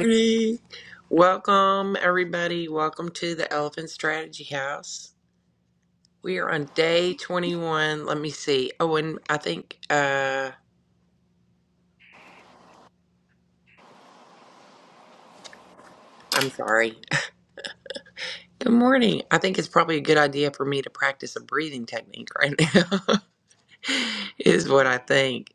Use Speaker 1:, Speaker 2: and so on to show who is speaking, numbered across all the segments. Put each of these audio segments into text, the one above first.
Speaker 1: morning, welcome everybody. Welcome to the Elephant Strategy House. We are on day 21. Let me see. Oh, and I think uh I'm sorry. Good morning. I think it's probably a good idea for me to practice a breathing technique right now. is what I think.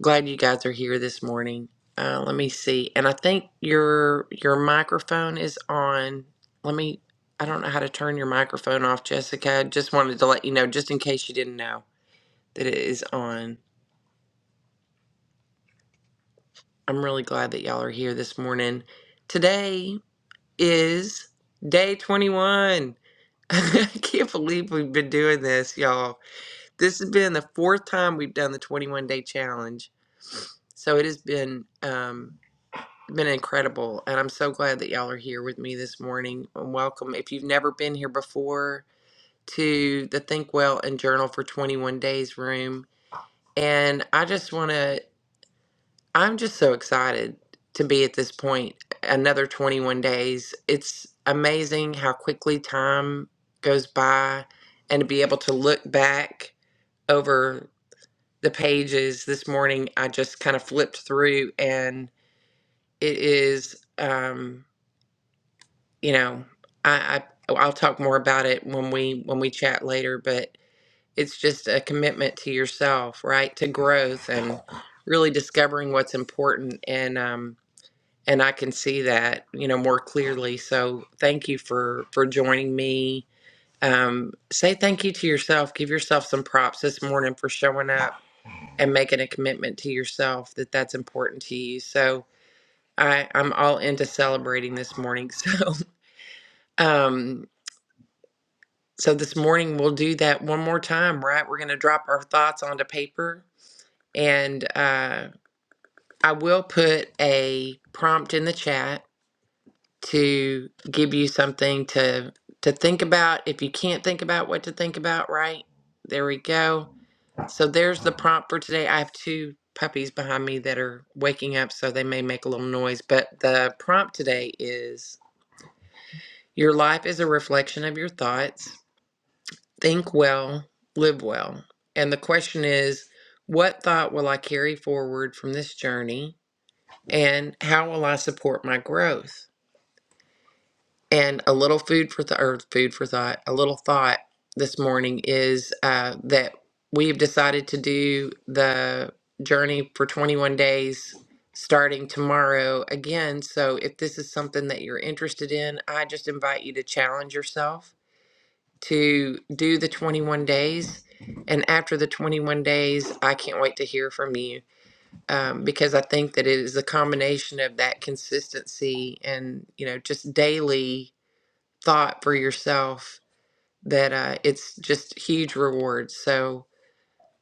Speaker 1: Glad you guys are here this morning. Uh let me see. And I think your your microphone is on. Let me I don't know how to turn your microphone off, Jessica. Just wanted to let you know just in case you didn't know. that it is on. I'm really glad that y'all are here this morning. Today is day 21. I can't believe we've been doing this, y'all. This has been the fourth time we've done the 21 day challenge. So it has been um, been incredible, and I'm so glad that y'all are here with me this morning. And welcome, if you've never been here before, to the Think Well and Journal for 21 Days room. And I just want to I'm just so excited to be at this point. Another 21 days. It's amazing how quickly time goes by and to be able to look back over the pages this morning. I just kind of flipped through and it is, um, you know, I, I I'll talk more about it when we when we chat later, but it's just a commitment to yourself, right? To growth and really discovering what's important and um and I can see that, you know, more clearly. So thank you for for joining me. Um, say thank you to yourself. Give yourself some props this morning for showing up and making a commitment to yourself that that's important to you. So I, I'm all into celebrating this morning. So um, so this morning we'll do that one more time, right? We're gonna drop our thoughts onto paper, and uh, I will put a prompt in the chat to give you something to to think about if you can't think about what to think about right there we go so there's the prompt for today i have two puppies behind me that are waking up so they may make a little noise but the prompt today is your life is a reflection of your thoughts think well live well and the question is what thought will i carry forward from this journey and how will i support my growth And a little food for th- or food for thought, a little thought this morning is uh, that we've decided to do the journey for 21 days starting tomorrow again. So if this is something that you're interested in, I just invite you to challenge yourself to do the 21 days. And after the 21 days, I can't wait to hear from you um, because I think that it is a combination of that consistency and, you know, just daily thought for yourself that uh, it's just huge rewards. So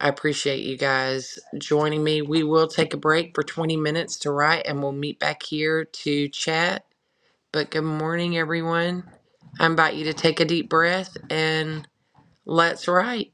Speaker 1: I appreciate you guys joining me. We will take a break for 20 minutes to write and we'll meet back here to chat. But good morning, everyone. I invite you to take a deep breath and let's write.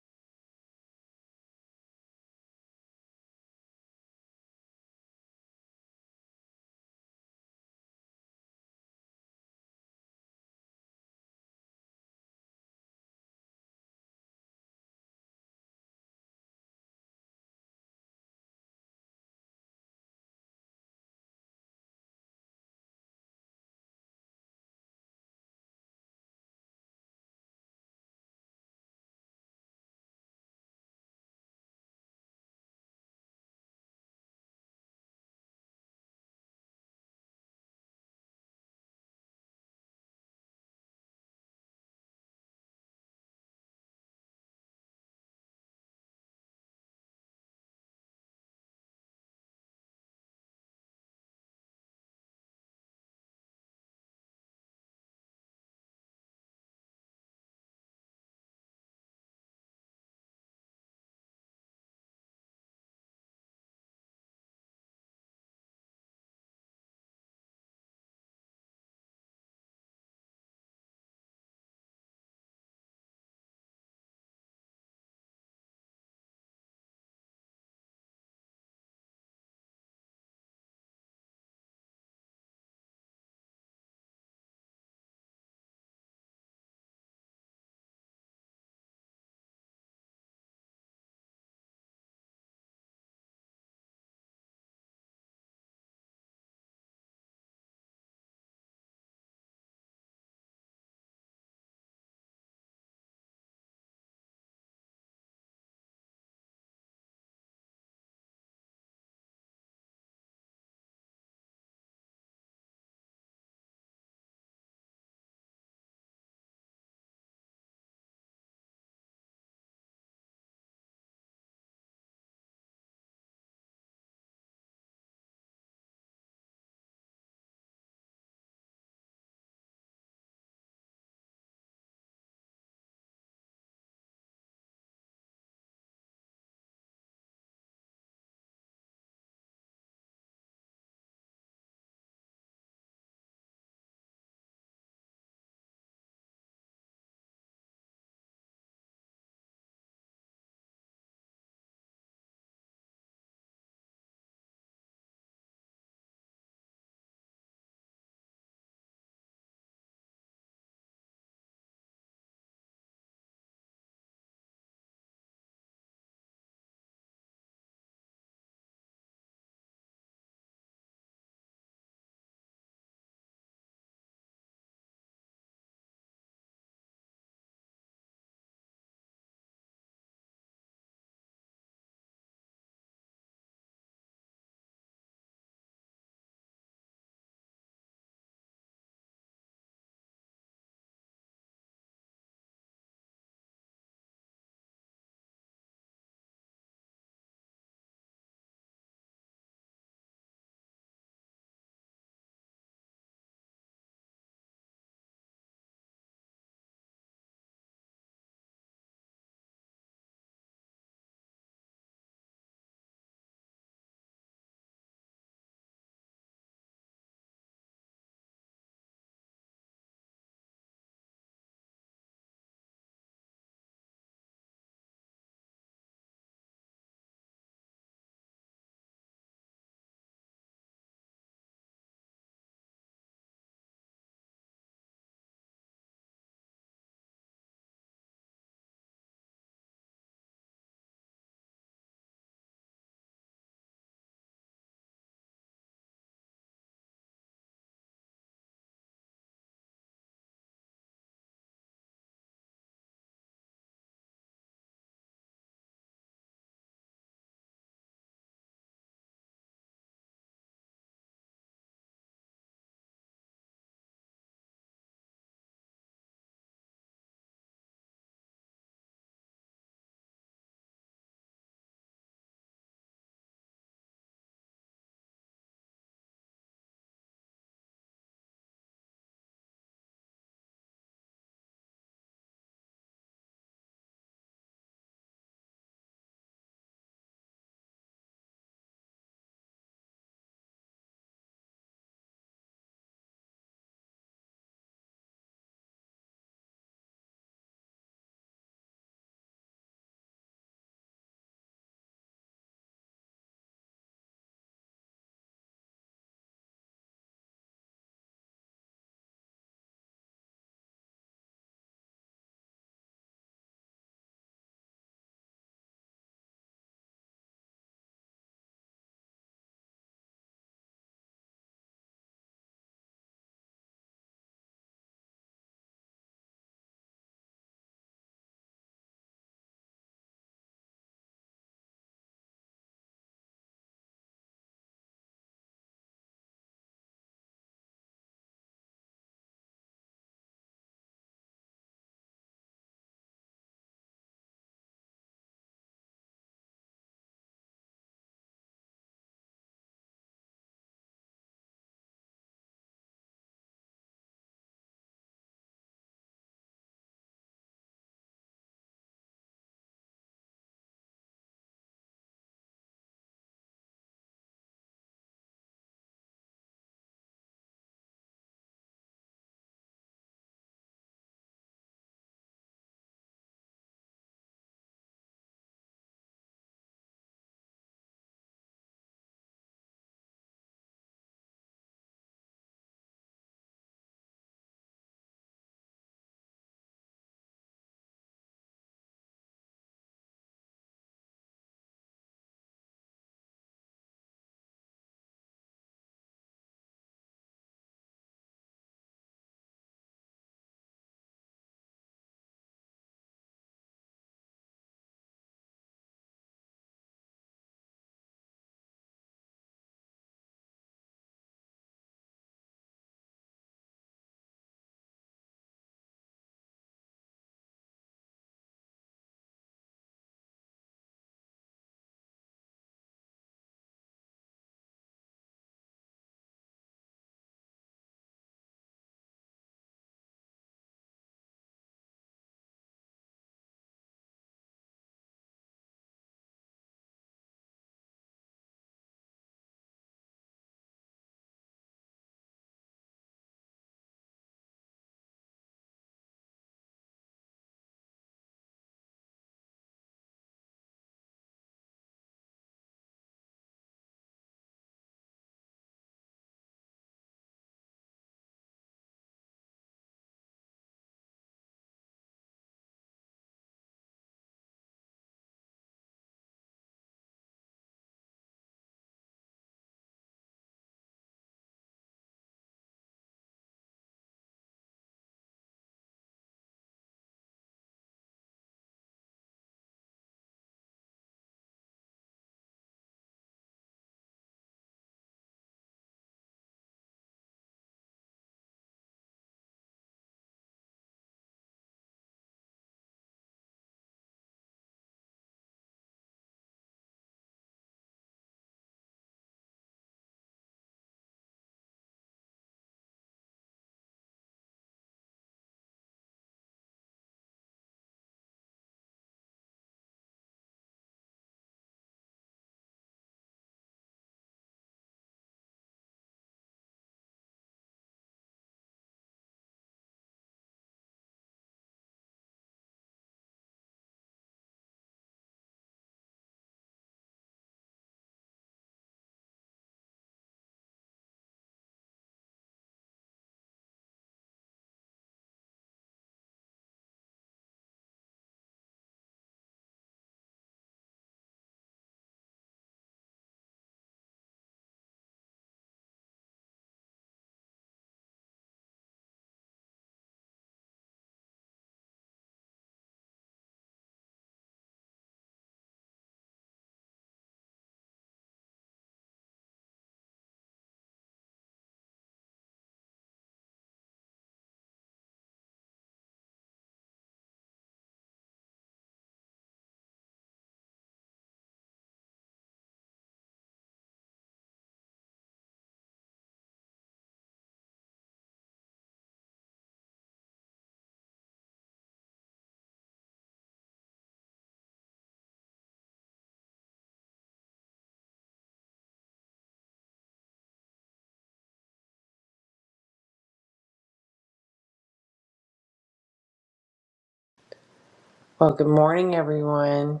Speaker 1: Well, good morning, everyone.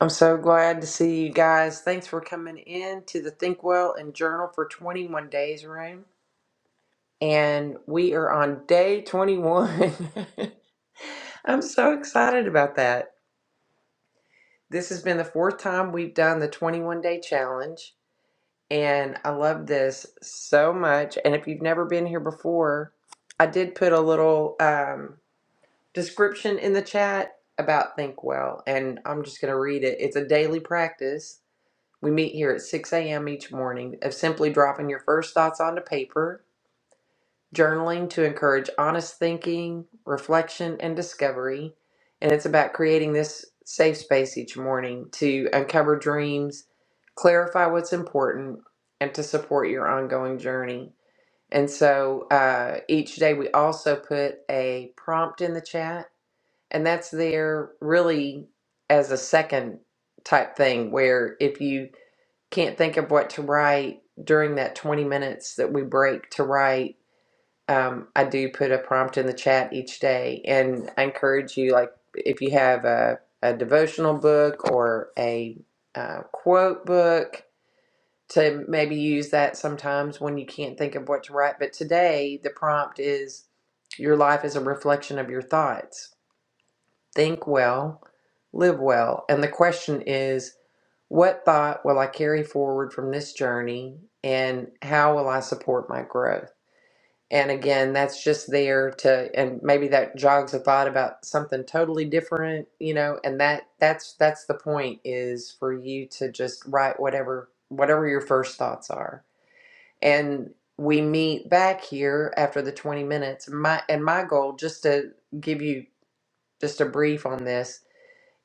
Speaker 1: I'm so glad to see you guys. Thanks for coming in to the Think Well and Journal for 21 Days room. And we are on day 21. I'm so excited about that. This has been the fourth time we've done the 21 day challenge, and I love this so much. And if you've never been here before, I did put a little um, description in the chat about Think Well, and I'm just going to read it. It's a daily practice. We meet here at 6 a.m. each morning of simply dropping your first thoughts onto paper journaling to encourage honest thinking, reflection, and discovery. And it's about creating this safe space each morning to uncover dreams, clarify what's important, and to support your ongoing journey. And so uh, each day we also put a prompt in the chat, and that's there really as a second type thing where if you can't think of what to write during that 20 minutes that we break to write, um, I do put a prompt in the chat each day, and I encourage you, like, if you have a, a devotional book or a uh, quote book, to maybe use that sometimes when you can't think of what to write. But today, the prompt is Your life is a reflection of your thoughts. Think well, live well. And the question is, What thought will I carry forward from this journey, and how will I support my growth? And again, that's just there to, and maybe that jogs a thought about something totally different, you know. And that that's that's the point is for you to just write whatever whatever your first thoughts are. And we meet back here after the twenty minutes. My and my goal, just to give you just a brief on this,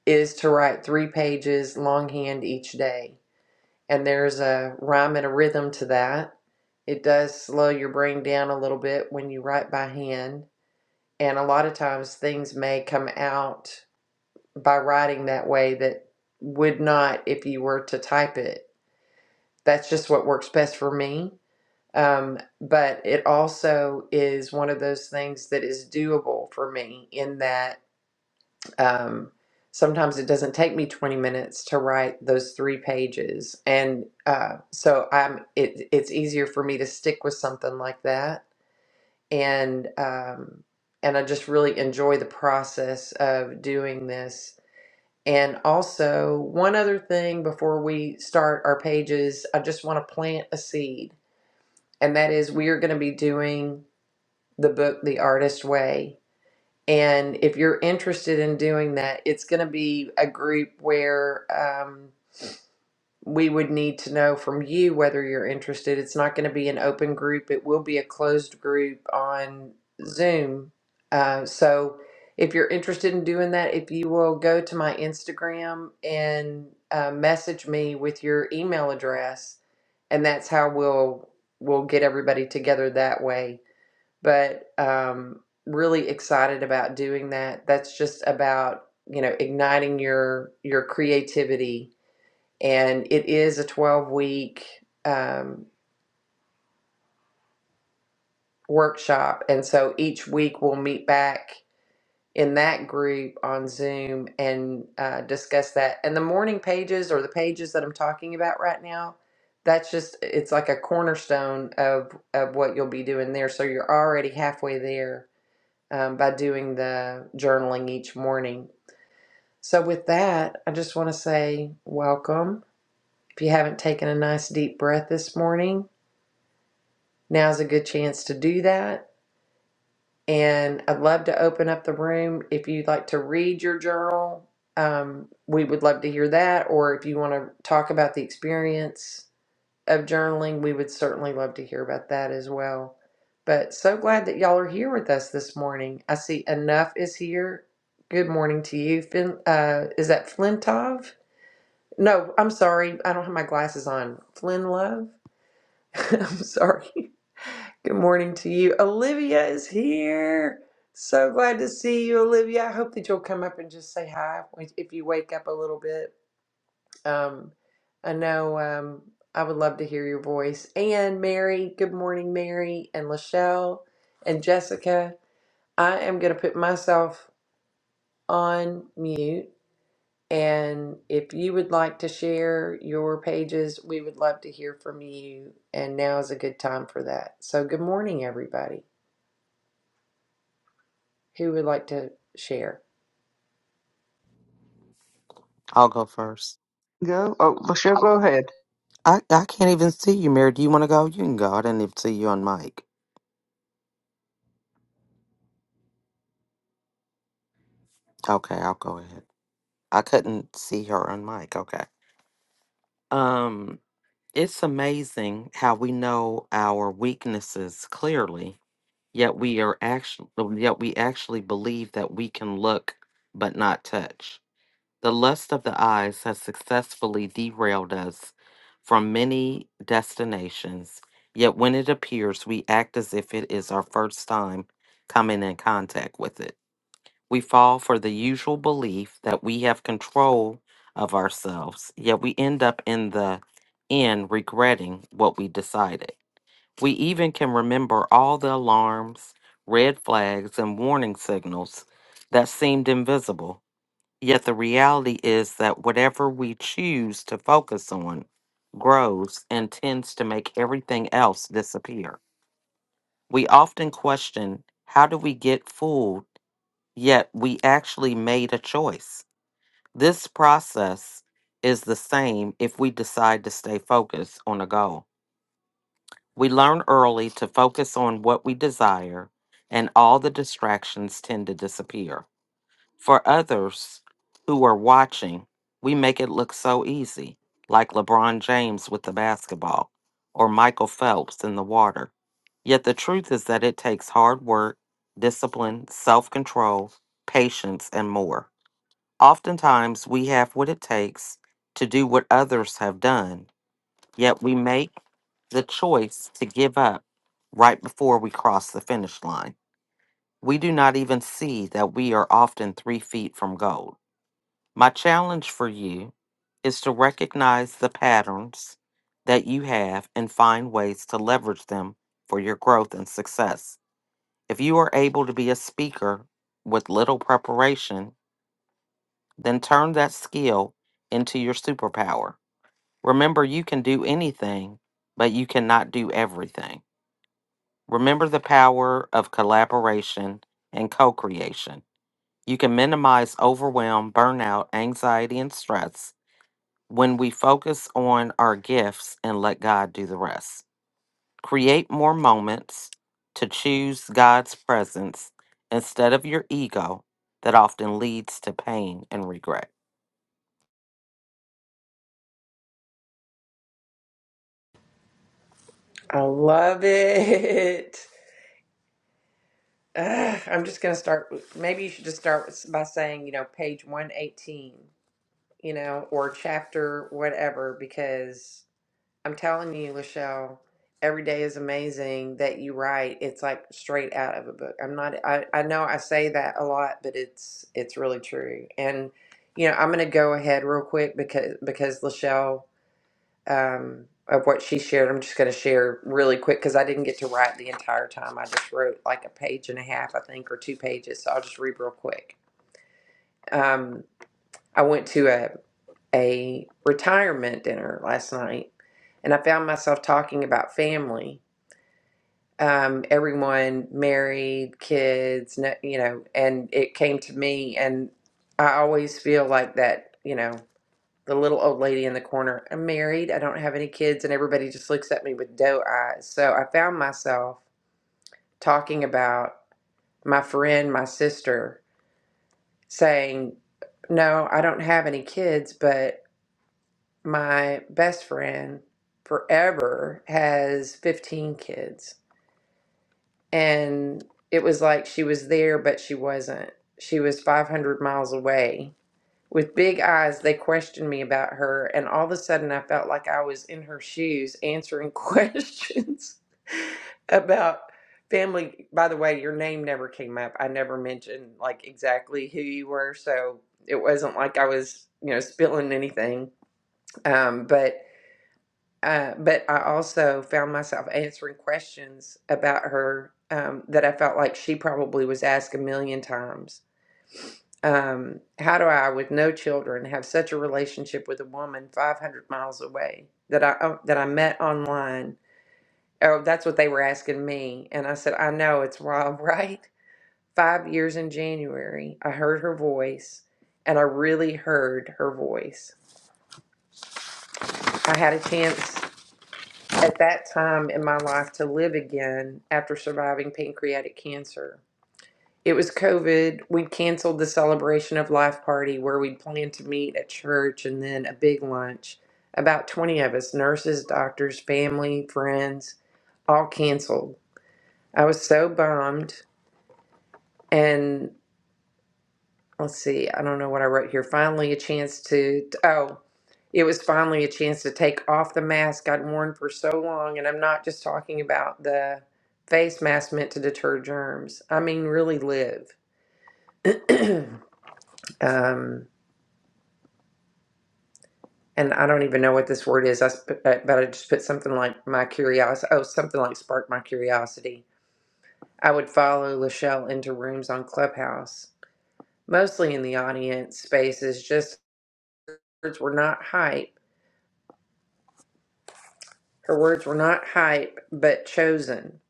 Speaker 1: is to write three pages longhand each day. And there's a rhyme and a rhythm to that. It does slow your brain down a little bit when you write by hand and a lot of times things may come out by writing that way that would not if you were to type it that's just what works best for me um, but it also is one of those things that is doable for me in that um, sometimes it doesn't take me 20 minutes to write those three pages and uh, so i'm it, it's easier for me to stick with something like that and um, and I just really enjoy the process of doing this. And also, one other thing before we start our pages, I just want to plant a seed, and that is we are going to be doing the book The Artist Way. And if you're interested in doing that, it's going to be a group where um, we would need to know from you whether you're interested. It's not going to be an open group, it will be a closed group on Zoom. Uh, so if you're interested in doing that, if you will go to my Instagram and uh, message me with your email address, and that's how we'll we'll get everybody together that way. But um, really excited about doing that. That's just about you know igniting your your creativity and it is a 12 week um, workshop. And so each week we'll meet back in that group on Zoom and uh, discuss that. And the morning pages or the pages that I'm talking about right now, that's just, it's like a cornerstone of, of what you'll be doing there. So you're already halfway there um, by doing the journaling each morning. So with that, I just want to say welcome. If you haven't taken a nice deep breath this morning, Now's a good chance to do that. And I'd love to open up the room. If you'd like to read your journal, um, we would love to hear that. Or if you want to talk about the experience of journaling, we would certainly love to hear about that as well. But so glad that y'all are here with us this morning. I see enough is here. Good morning to you. Fin- uh, is that Flintov? No, I'm sorry. I don't have my glasses on. Flynn Love? I'm sorry. Good morning to you. Olivia is here. So glad to see you, Olivia. I hope that you'll come up and just say hi if you wake up a little bit. Um, I know um, I would love to hear your voice. And Mary, good morning, Mary, and Lachelle and Jessica. I am going to put myself on mute. And if you would like to share your pages, we would love to hear from you. And now is a good time for that. So, good morning, everybody. Who would like to share?
Speaker 2: I'll go first.
Speaker 3: Go. Oh, Lachelle, go ahead.
Speaker 2: I, I can't even see you, Mary. Do you want to go? You can go. I didn't even see you on mic. Okay, I'll go ahead. I couldn't see her on mic. Okay. Um, it's amazing how we know our weaknesses clearly, yet we are actually yet we actually believe that we can look but not touch. The lust of the eyes has successfully derailed us from many destinations, yet when it appears, we act as if it is our first time coming in contact with it. We fall for the usual belief that we have control of ourselves, yet we end up in the end regretting what we decided. We even can remember all the alarms, red flags, and warning signals that seemed invisible Yet the reality is that whatever we choose to focus on grows and tends to make everything else disappear. We often question how do we get fooled, yet we actually made a choice. This process is the same if we decide to stay focused on a goal. We learn early to focus on what we desire, and all the distractions tend to disappear. for others who are watching, we make it look so easy, like LeBron James with the basketball or Michael Phelps in the water. Yet the truth is that it takes hard work, discipline, self control, patience, and more. Oftentimes, we have what it takes to do what others have done, yet we make the choice to give up right before we cross the finish line. We do not even see that we are often three feet from gold. My challenge for you is to recognize the patterns that you have and find ways to leverage them for your growth and success. If you are able to be a speaker with little preparation, then turn that skill into your superpower. Remember, you can do anything, but you cannot do everything. Remember the power of collaboration and co creation. You can minimize overwhelm, burnout, anxiety, and stress when we focus on our gifts and let God do the rest. Create more moments to choose God's presence instead of your ego that often leads to pain and regret.
Speaker 1: I love it. Ugh, I'm just going to start. with- Maybe you should just start with, by saying, you know, page 118, you know, or chapter whatever, because I'm telling you, Lachelle, every day is amazing that you write. It's like straight out of a book. I'm not, I, I know I say that a lot, but it's, it's really true. And, you know, I'm going to go ahead real quick because, because Lachelle um, of what she shared. I'm just going to share really quick because I didn't get to write the entire time. I just wrote like a page and a half, I think, or two pages. So I'll just read real quick. Um, I went to a, a retirement dinner last night and I found myself talking about family. Um, everyone married, kids, no- you know, and it came to me, and I always feel like that, you know the little old lady in the corner. I'm married, I don't have any kids, and everybody just looks at me with doe eyes. So I found myself talking about my friend, my sister, saying, No, I don't have any kids, but my best friend forever has 15 kids. And it was like she was there, but she wasn't. She was 500 miles away With big eyes, they questioned me about her, and all of a sudden I felt like I was in her shoes answering questions about family. By the way, your name never came up. I never mentioned like exactly who you were, so it wasn't like I was, you know, spilling anything. Um, but uh, but I also found myself answering questions about her um, that I felt like she probably was asked a million times um, how do I, with no children, have such a relationship with a woman 500 miles away that I oh, that I met online? Oh, that's what they were asking me, and I said, I know it's wild, right? Five years in January, I heard her voice, and I really heard her voice. I had a chance at that time in my life to live again after surviving pancreatic cancer. It was COVID. We canceled the celebration of life party where we would planned to meet at church and then a big lunch. About 20 of us, nurses, doctors, family, friends, all canceled. I was so bummed. And let's see, I don't know what I wrote here. Finally, a chance to, oh, it was finally a chance to take off the mask I'd worn for so long. And I'm not just talking about the face mask meant to deter germs, I mean, really live. um, and I don't even know what this word is. I sp- uh, but I just put something like my curiosity. Oh, something like spark my curiosity. I would follow Lachelle into rooms on Clubhouse, mostly in the audience spaces. Just words were not hype. Her words were not hype, but chosen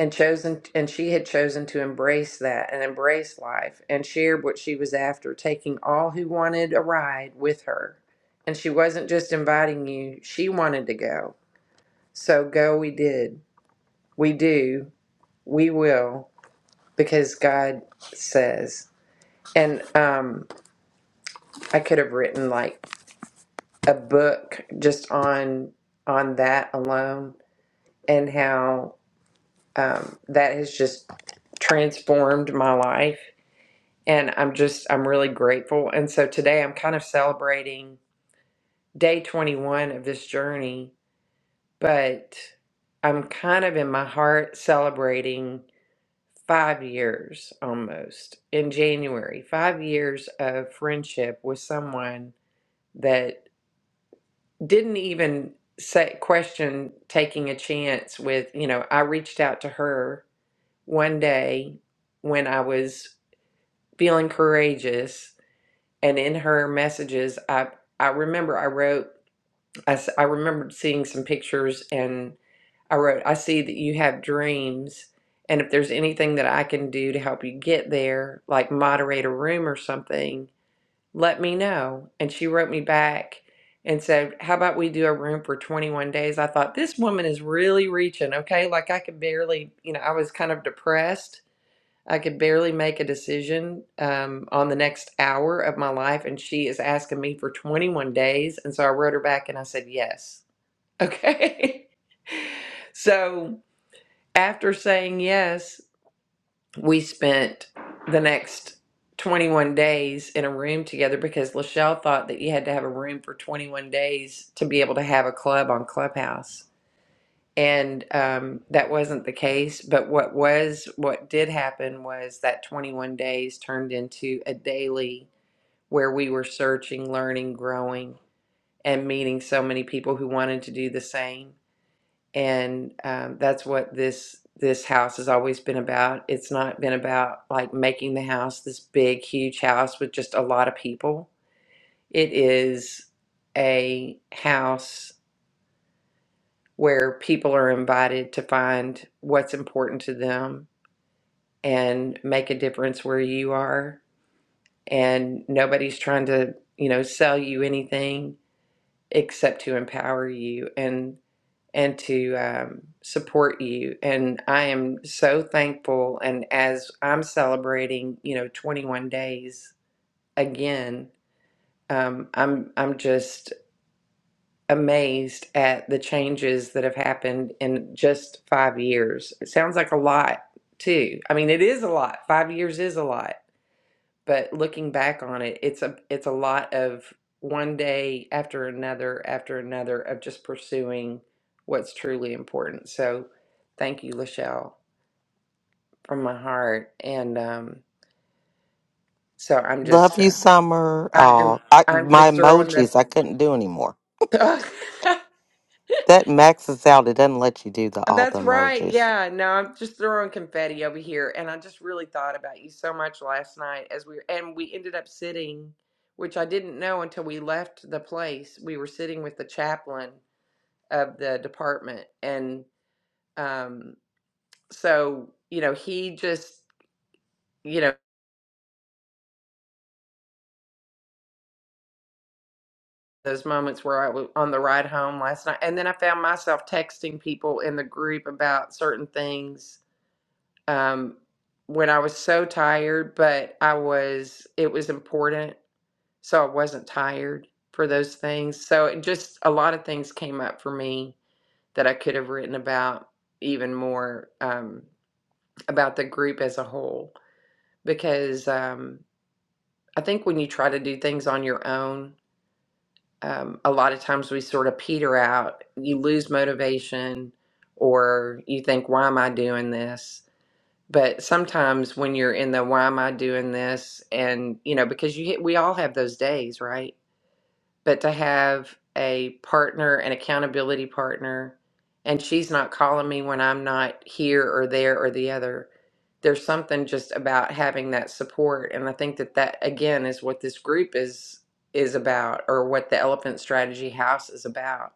Speaker 1: and chosen. And she had chosen to embrace that and embrace life and shared what she was after, taking all who wanted a ride with her. And she wasn't just inviting you; she wanted to go. So go we did. We do. We will because God says. And um I could have written like a book just on on that alone and how um that has just transformed my life and I'm just I'm really grateful. And so today I'm kind of celebrating day 21 of this journey, but I'm kind of in my heart celebrating five years almost in January, five years of friendship with someone that didn't even say, question taking a chance with, you know, I reached out to her one day when I was feeling courageous and in her messages, I, I remember I wrote, I, s- I remembered seeing some pictures and. I wrote, I see that you have dreams. And if there's anything that I can do to help you get there, like moderate a room or something, let me know. And she wrote me back and said, How about we do a room for 21 days? I thought, this woman is really reaching, okay? Like I could barely, you know, I was kind of depressed. I could barely make a decision um, on the next hour of my life. And she is asking me for 21 days. And so I wrote her back and I said, Yes. Okay. so after saying yes, we spent the next 21 days in a room together because Lachelle thought that you had to have a room for 21 days to be able to have a club on Clubhouse. And um, that wasn't the case. But what was, what did happen was that 21 days turned into a daily where we were searching, learning, growing, and meeting so many people who wanted to do the same and um, that's what this this house has always been about. It's not been about like making the house this big, huge house with just a lot of people. It is a house where people are invited to find what's important to them and make a difference where you are. And nobody's trying to, you know, sell you anything except to empower you. and. and to um, support you. And I am so thankful. And as I'm celebrating, you know, 21 days again, um, I'm I'm just amazed at the changes that have happened in just five years. It sounds like a lot too. I mean, it is a lot. Five years is a lot but looking back on it it's a it's a lot of one day after another after another of just pursuing what's truly important so thank you lachelle from my heart and um so i'm
Speaker 2: Love
Speaker 1: just uh,
Speaker 2: you, Summer.
Speaker 1: i am
Speaker 2: Oh, I,
Speaker 1: i'm
Speaker 2: my
Speaker 1: just throwing
Speaker 2: emojis, I couldn't do anymore.
Speaker 1: the
Speaker 2: That maxes out. It doesn't let you do the all the
Speaker 1: That's right.
Speaker 2: emojis.
Speaker 1: Yeah. No, I'm just throwing confetti over here. And I just really thought about you so much last night as we and we ended up sitting, which I didn't know until we left the place. We were sitting with the chaplain of the department. And um, so, you know, he just, you know, those moments where I was on the ride home last night. And then I found myself texting people in the group about certain things um, when I was so tired, but I was, it was important. So I wasn't tired for those things. So it just, a lot of things came up for me that I could have written about even more um, about the group as a whole. Because um, I think when you try to do things on your own, um, a lot of times we sort of peter out, you lose motivation, or you think, why am I doing this? But sometimes when you're in the why am I doing this and you know because you we all have those days, right? But to have a partner, an accountability partner, and she's not calling me when I'm not here or there or the other. There's something just about having that support and I think that that again is what this group is is about or what the Elephant Strategy House is about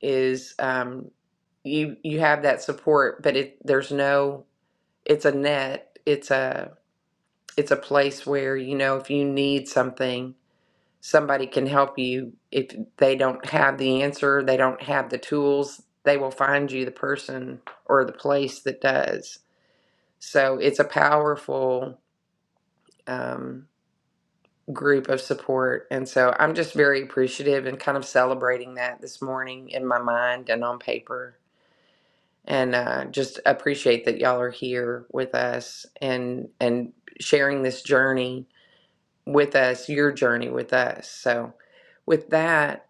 Speaker 1: is um you you have that support but it there's no it's a net it's a it's a place where you know if you need something somebody can help you if they don't have the answer they don't have the tools they will find you the person or the place that does so it's a powerful um, group of support and so i'm just very appreciative and kind of celebrating that this morning in my mind and on paper and uh, just appreciate that y'all are here with us and and sharing this journey with us, your journey with us. So, with that,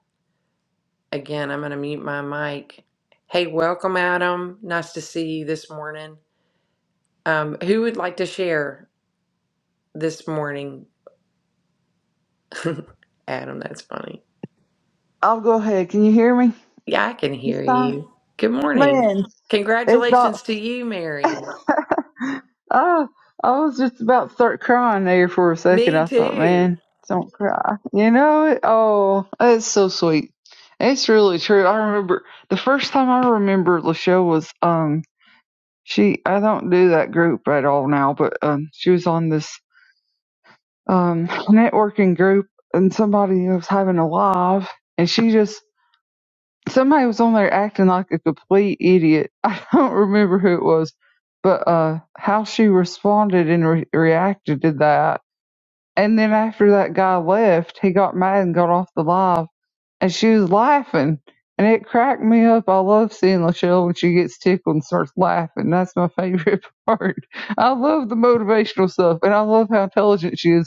Speaker 1: again, I'm going to mute my mic. Hey, welcome, Adam. Nice to see you this morning. Um, who would like to share this morning? Adam, that's funny.
Speaker 3: I'll go ahead. Can you hear me?
Speaker 1: Yeah, I can
Speaker 3: It's
Speaker 1: hear
Speaker 3: time.
Speaker 1: you. Good morning.
Speaker 3: Man, it's about.
Speaker 1: Congratulations to you, Mary.
Speaker 3: Oh, I was just about to start crying there for a second.
Speaker 1: Me
Speaker 3: I thought,
Speaker 1: too.
Speaker 3: man, don't cry. You know, it, oh, it's so sweet. It's really true. I remember the first time I remember Lachelle was, um, she, I don't do that group at all now, but, um, she was on this, um, networking group and somebody was having a live and she just somebody was on there acting like a complete idiot. I don't remember who it was, but uh, how she responded and re- reacted to that. And then after that guy left, he got mad and got off the live, and she was laughing. And it cracked me up. I love seeing Lachelle when she gets tickled and starts laughing. That's my favorite part. I love the motivational stuff, and I love how intelligent she is.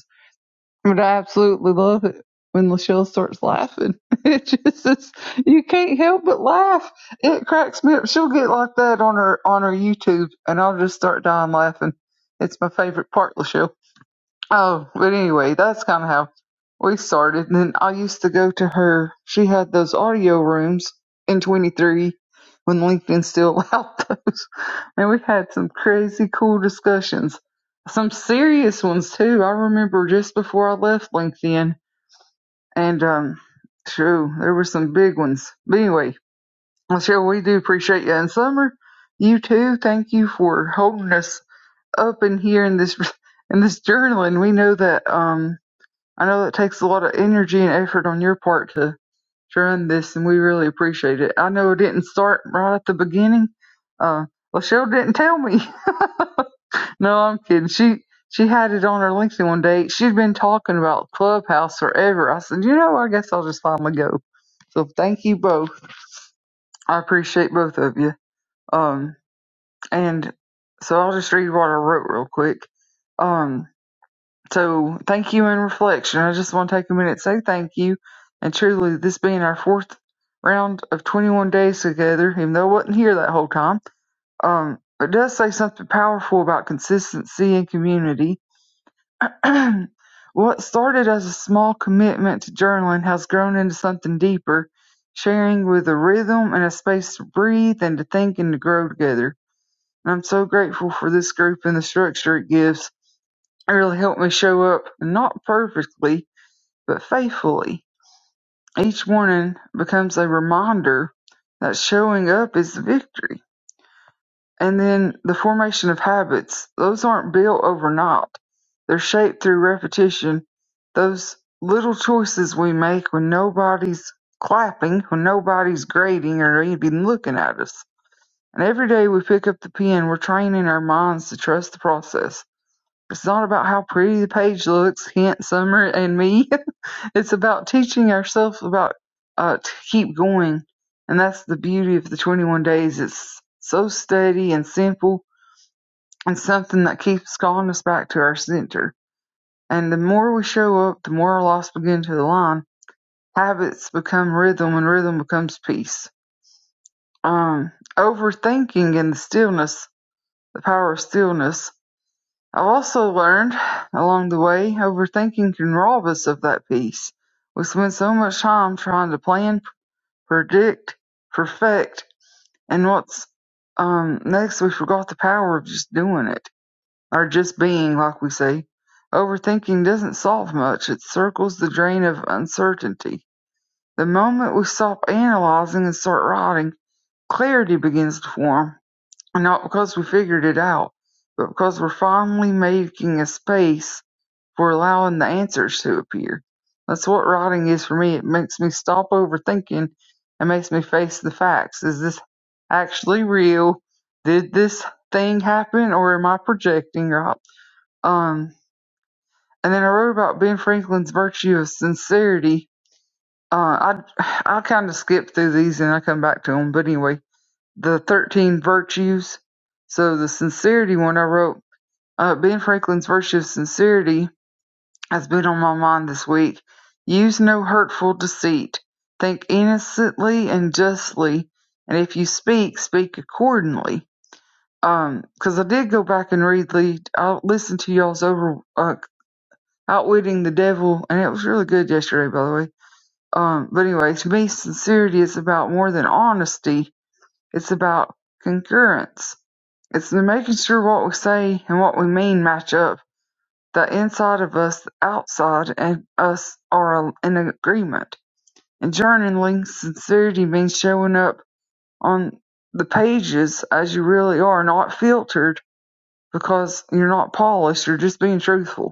Speaker 3: But I absolutely love it when Lachelle starts laughing. It just is, you can't help but laugh. It cracks me up. She'll get like that on her on her YouTube, and I'll just start dying laughing. It's my favorite part, Lachelle. Oh, but anyway, that's kind of how we started. And then I used to go to her. She had those audio rooms in 23 when LinkedIn still allowed those. And we had some crazy cool discussions, some serious ones too. I remember just before I left LinkedIn, and um, true, there were some big ones. But anyway, Michelle, we do appreciate you. And Summer, you too. Thank you for holding us up in here in this in this journaling. We know that um I know it takes a lot of energy and effort on your part to, to run this, and we really appreciate it. I know it didn't start right at the beginning. Uh, Lachelle didn't tell me. no, I'm kidding. She she had it on her LinkedIn one day. She'd been talking about Clubhouse forever. I said, you know, I guess I'll just finally go. So thank you both. I appreciate both of you. Um, and so I'll just read what I wrote real quick. Um, So thank you in reflection. I just want to take a minute to say thank you. And truly, this being our fourth round of 21 days together, even though I wasn't here that whole time, um, it does say something powerful about consistency and community. what started as a small commitment to journaling has grown into something deeper, sharing with a rhythm and a space to breathe and to think and to grow together. And I'm so grateful for this group and the structure it gives. It really helped me show up, not perfectly, but faithfully, each morning becomes a reminder that showing up is the victory. And then the formation of habits, those aren't built overnight. They're shaped through repetition. Those little choices we make when nobody's clapping, when nobody's grading or even looking at us. And every day we pick up the pen, we're training our minds to trust the process. It's not about how pretty the page looks, hint Summer and me. It's about teaching ourselves about uh, to keep going, and that's the beauty of the 21 days. It's so steady and simple, and something that keeps calling us back to our center. And the more we show up, the more our lives begin to align. Habits become rhythm, and rhythm becomes peace. Um, overthinking and the stillness, the power of stillness. I've also learned along the way, overthinking can rob us of that peace. We spend so much time trying to plan, predict, perfect, and what's um next we forgot the power of just doing it. Or just being, like we say. Overthinking doesn't solve much, it circles the drain of uncertainty. The moment we stop analyzing and start writing, clarity begins to form. Not because we figured it out, but because we're finally making a space for allowing the answers to appear. That's what writing is for me. It makes me stop overthinking and makes me face the facts. Is this actually real? Did this thing happen or am I projecting right? Um and then I wrote about Ben Franklin's virtue of sincerity. Uh, I I kind of skip through these and I come back to them. But anyway, the thirteen virtues. So the sincerity one I wrote uh, Ben Franklin's virtue of sincerity has been on my mind this week. Use no hurtful deceit. Think innocently and justly, and if you speak, speak accordingly. Um, 'cause because I did go back and read the, I listened to y'all's over uh, outwitting the devil, and it was really good yesterday, by the way. Um, but anyway, to me, sincerity is about more than honesty. It's about concurrence. It's the making sure what we say and what we mean match up the inside of us, the outside of us are in agreement. In journaling, sincerity means showing up on the pages as you really are, not filtered because you're not polished, you're just being truthful.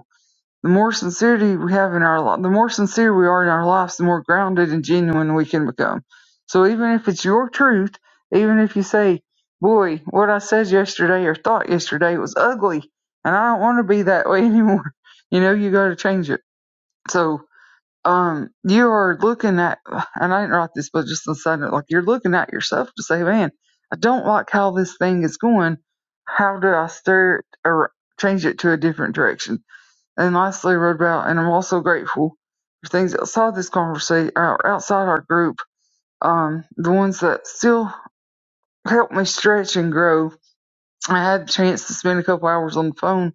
Speaker 3: The more sincerity we have in our li- the more sincere we are in our lives, the more grounded and genuine we can become. So even if it's your truth, even if you say, "Boy, what I said yesterday or thought yesterday was ugly, and I don't want to be that way anymore," you know, you got to change it. So um, you are looking at, and I didn't write this, but just on a side note, like you're looking at yourself to say, "Man, I don't like how this thing is going. How do I stir it or change it to a different direction?" And lastly, wrote about, and I'm also grateful for things outside this conversation, or outside our group, um, the ones that still help me stretch and grow. I had a chance to spend a couple hours on the phone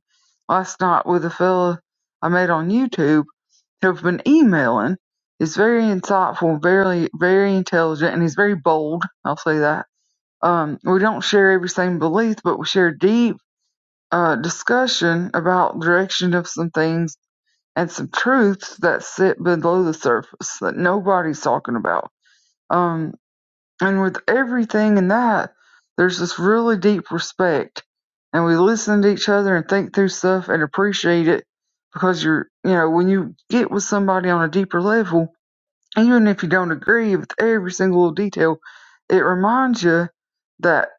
Speaker 3: last night with a fella I met on YouTube who've been emailing. He's very insightful, very, very intelligent, and he's very bold. I'll say that. Um, we don't share every same belief, but we share deep uh, discussion about direction of some things and some truths that sit below the surface that nobody's talking about. Um, and with everything in that, there's this really deep respect, and we listen to each other and think through stuff and appreciate it because you're, you know, when you get with somebody on a deeper level, even if you don't agree with every single little detail, it reminds you that.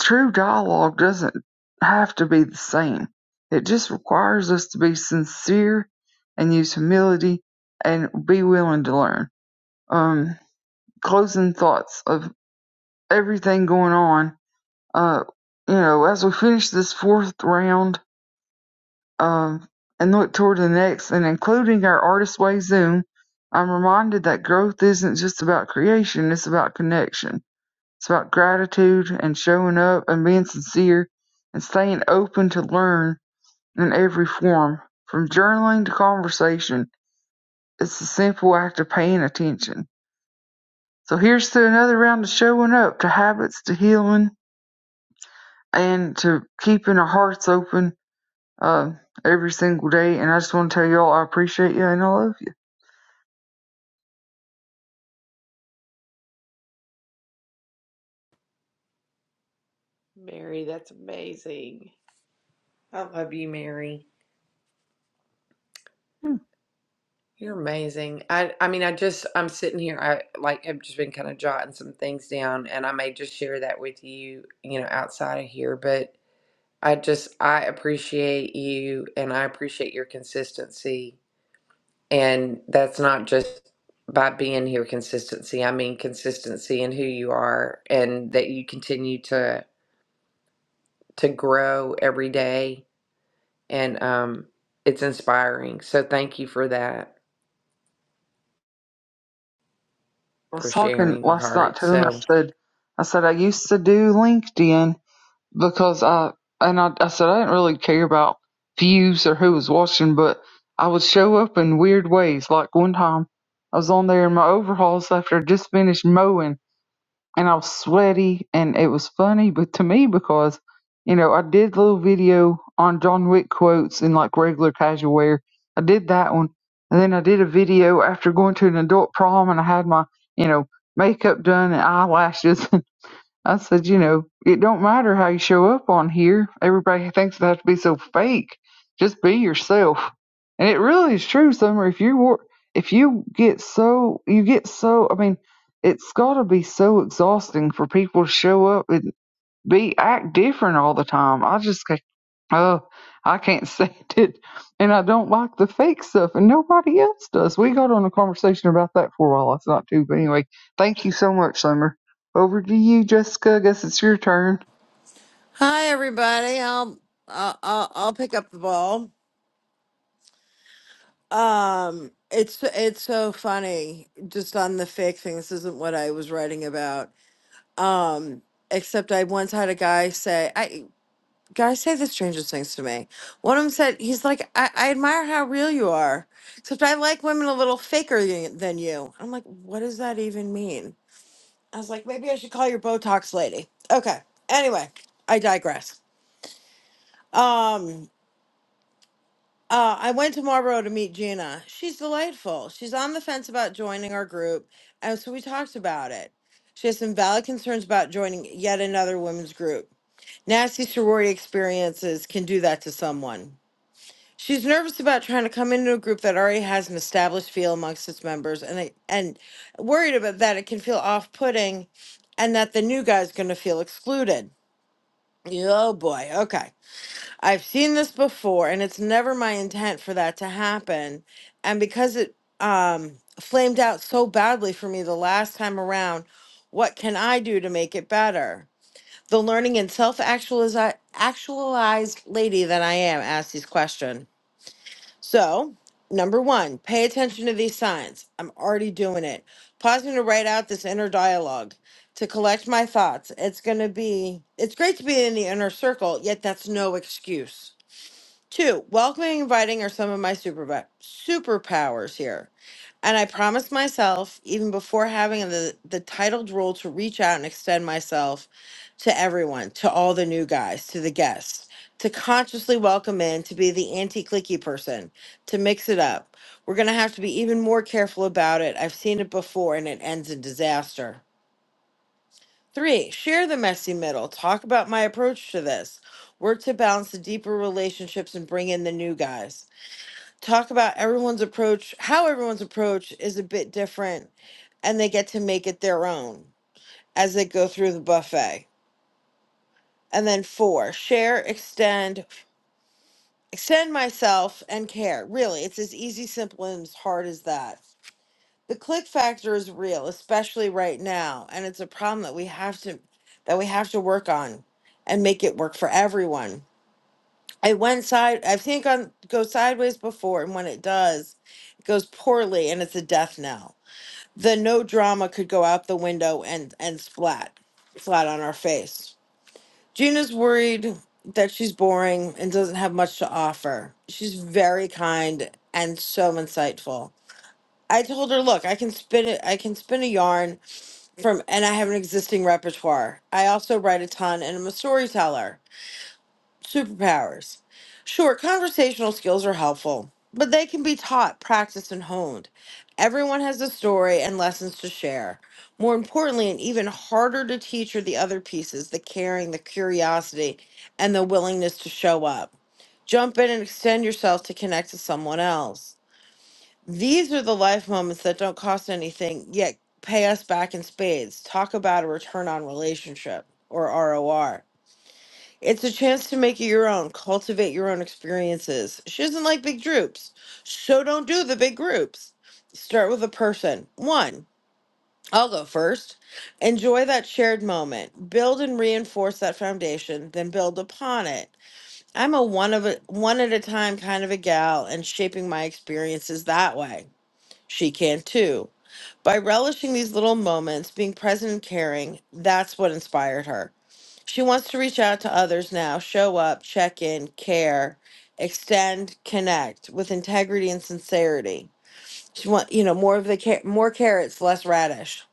Speaker 3: True dialogue doesn't have to be the same. It just requires us to be sincere and use humility and be willing to learn. Um, closing thoughts of everything going on. Uh, you know, as we finish this fourth round um, and look toward the next, and including our Artist Way Zoom, I'm reminded that growth isn't just about creation, it's about connection it's about gratitude and showing up and being sincere and staying open to learn in every form, from journaling to conversation. It's the simple act of paying attention. So here's to another round of showing up, to habits, to healing, and to keeping our hearts open uh, every single day. And I just want to tell you all I appreciate you and I love you.
Speaker 1: Mary, that's amazing. I love you, Mary. You're amazing. I I mean, I just I'm sitting here. I like have just been kind of jotting some things down, and I may just share that with you, you know, outside of here. But I just I appreciate you, and I appreciate your consistency. And that's not just by being here consistency. I mean consistency in who you are, and that you continue to to grow every day. And um, it's inspiring. So thank you for that,
Speaker 3: I was
Speaker 1: for
Speaker 3: talking
Speaker 1: sharing your
Speaker 3: last night
Speaker 1: heart.
Speaker 3: to him. I
Speaker 1: So.
Speaker 3: said, I said I used to do LinkedIn because I and I, I said I didn't really care about views or who was watching, but I would show up in weird ways. Like one time, I was on there in my overalls after I just finished mowing, and I was sweaty, and it was funny, but to me because you know I did a little video on John Wick quotes in like regular casual wear. I did that one, and then I did a video after going to an adult prom, and I had my you know makeup done and eyelashes I said, you know, it don't matter how you show up on here. Everybody thinks they have to be so fake. Just be yourself. And it really is true, Summer. If you wor- if you get so you get so I mean, it's gotta be so exhausting for people to show up and be act different all the time. I just Oh, I can't stand it. And I don't like the fake stuff, and nobody else does. We got on a conversation about that for a while. It's not too, but anyway, thank you so much, Summer. Over to you, Jessica. I guess it's your turn.
Speaker 4: Hi everybody. I'll I'll I'll I'll pick up the ball. Um it's it's so funny just on the fake thing. This isn't what I was writing about. Um except I once had a guy say I guys say the strangest things to me. One of them said he's like I, I admire how real you are. Except I like women a little faker than than you. I'm like what does that even mean? I was like maybe I should call your Botox lady. Okay. Anyway, I digress. Um Uh, I went to Marlboro to meet Gina. She's delightful. She's on the fence about joining our group, and so we talked about it. She has some valid concerns about joining yet another women's group. Nasty sorority experiences can do that to someone. She's nervous about trying to come into a group that already has an established feel amongst its members, and they, and worried about that it can feel off-putting, and that the new guy's going to feel excluded. Oh boy. Okay. I've seen this before, and it's never my intent for that to happen. And because it um, flamed out so badly for me the last time around, what can I do to make it better? The learning and self actualized lady that I am asked this question. So, number one, pay attention to these signs. I'm already doing it. Pausing to write out this inner dialogue to collect my thoughts. It's going to be, it's great to be in the inner circle, yet that's no excuse Two, welcoming and inviting are some of my super superpowers here. And I promised myself, even before having the, the titled role, to reach out and extend myself to everyone, to all the new guys, to the guests, to consciously welcome in, to be the anti clicky person, to mix it up. We're going to have to be even more careful about it. I've seen it before and it ends in disaster. Three, share the messy middle. Talk about my approach to this. Work to balance the deeper relationships and bring in the new guys. Talk about everyone's approach, how everyone's approach is a bit different, and they get to make it their own as they go through the buffet. And then four, share, extend, extend myself and care. Really, it's as easy, simple, and as hard as that. the click factor is real especially right now and it's a problem that we have to that we have to work on and make it work for everyone i went side i think on go sideways before and when it does it goes poorly and it's a death knell the no drama could go out the window and and splat flat on our face gina's worried that she's boring and doesn't have much to offer she's very kind and so insightful i told her look i can spin it i can spin a yarn from and I have an existing repertoire. I also write a ton and I'm a storyteller. Superpowers. Sure, conversational skills are helpful, but they can be taught, practiced, and honed. Everyone has a story and lessons to share. More importantly, and even harder to teach are the other pieces the caring, the curiosity, and the willingness to show up. Jump in and extend yourself to connect to someone else. These are the life moments that don't cost anything, yet pay us back in spades. Talk about a return on relationship or ROR. It's a chance to make it your own, cultivate your own experiences. She doesn't like big groups, so don't do the big groups. Start with a person. One, I'll go first. Enjoy that shared moment. Build and reinforce that foundation, then build upon it. I'm a one of a one at a time kind of a gal and shaping my experiences that way. She can too. By relishing these little moments, being present and caring, that's what inspired her. She wants to reach out to others now, show up, check in, care, extend, connect with integrity and sincerity. She want, you know, more of the ca- more carrots, less radish.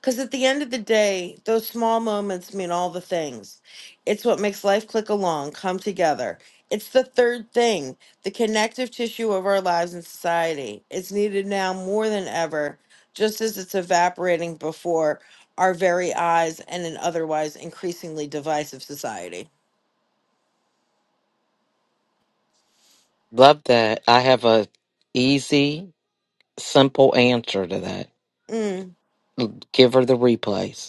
Speaker 4: Because at the end of the day, those small moments mean all the things. It's what makes life click along, come together. It's the third thing, the connective tissue of our lives and society. It's needed now more than ever, just as it's evaporating before our very eyes and an otherwise increasingly divisive society.
Speaker 2: Love that. I have a easy, simple answer to that.
Speaker 4: Mm.
Speaker 2: Give her the replays.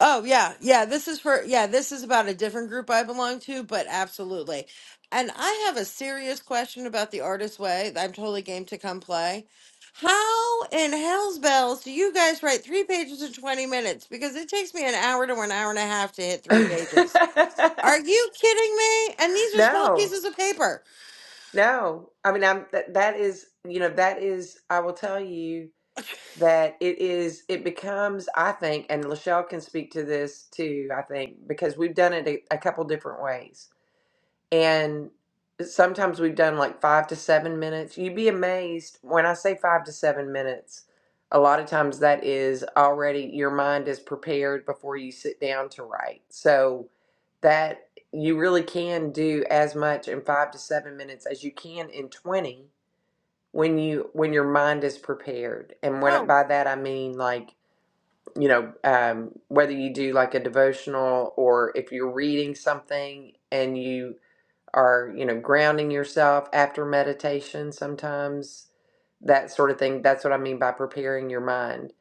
Speaker 4: Oh yeah, yeah. This is for yeah. This is about a different group I belong to, but absolutely. And I have a serious question about the artist way. I'm totally game to come play. How in hell's bells do you guys write three pages in 20 minutes? Because it takes me an hour to an hour and a half to hit three pages. Are you kidding me? And these are small
Speaker 1: no,
Speaker 4: pieces of paper.
Speaker 1: no. I mean, I'm that, that is, you know, that is, I will tell you that it is, it becomes, I think, and Lachelle can speak to this too, I think, because we've done it a, a couple different ways and sometimes we've done like five to seven minutes. You'd be amazed when I say five to seven minutes. A lot of times that is already your mind is prepared before you sit down to write. So that you really can do as much in five to seven minutes as you can in 20 when you when your mind is prepared and when
Speaker 4: Oh,
Speaker 1: by that i mean like you know um, whether you do like a devotional or if you're reading something and you or you know grounding yourself after meditation sometimes that sort of thing that's what i mean by preparing your mind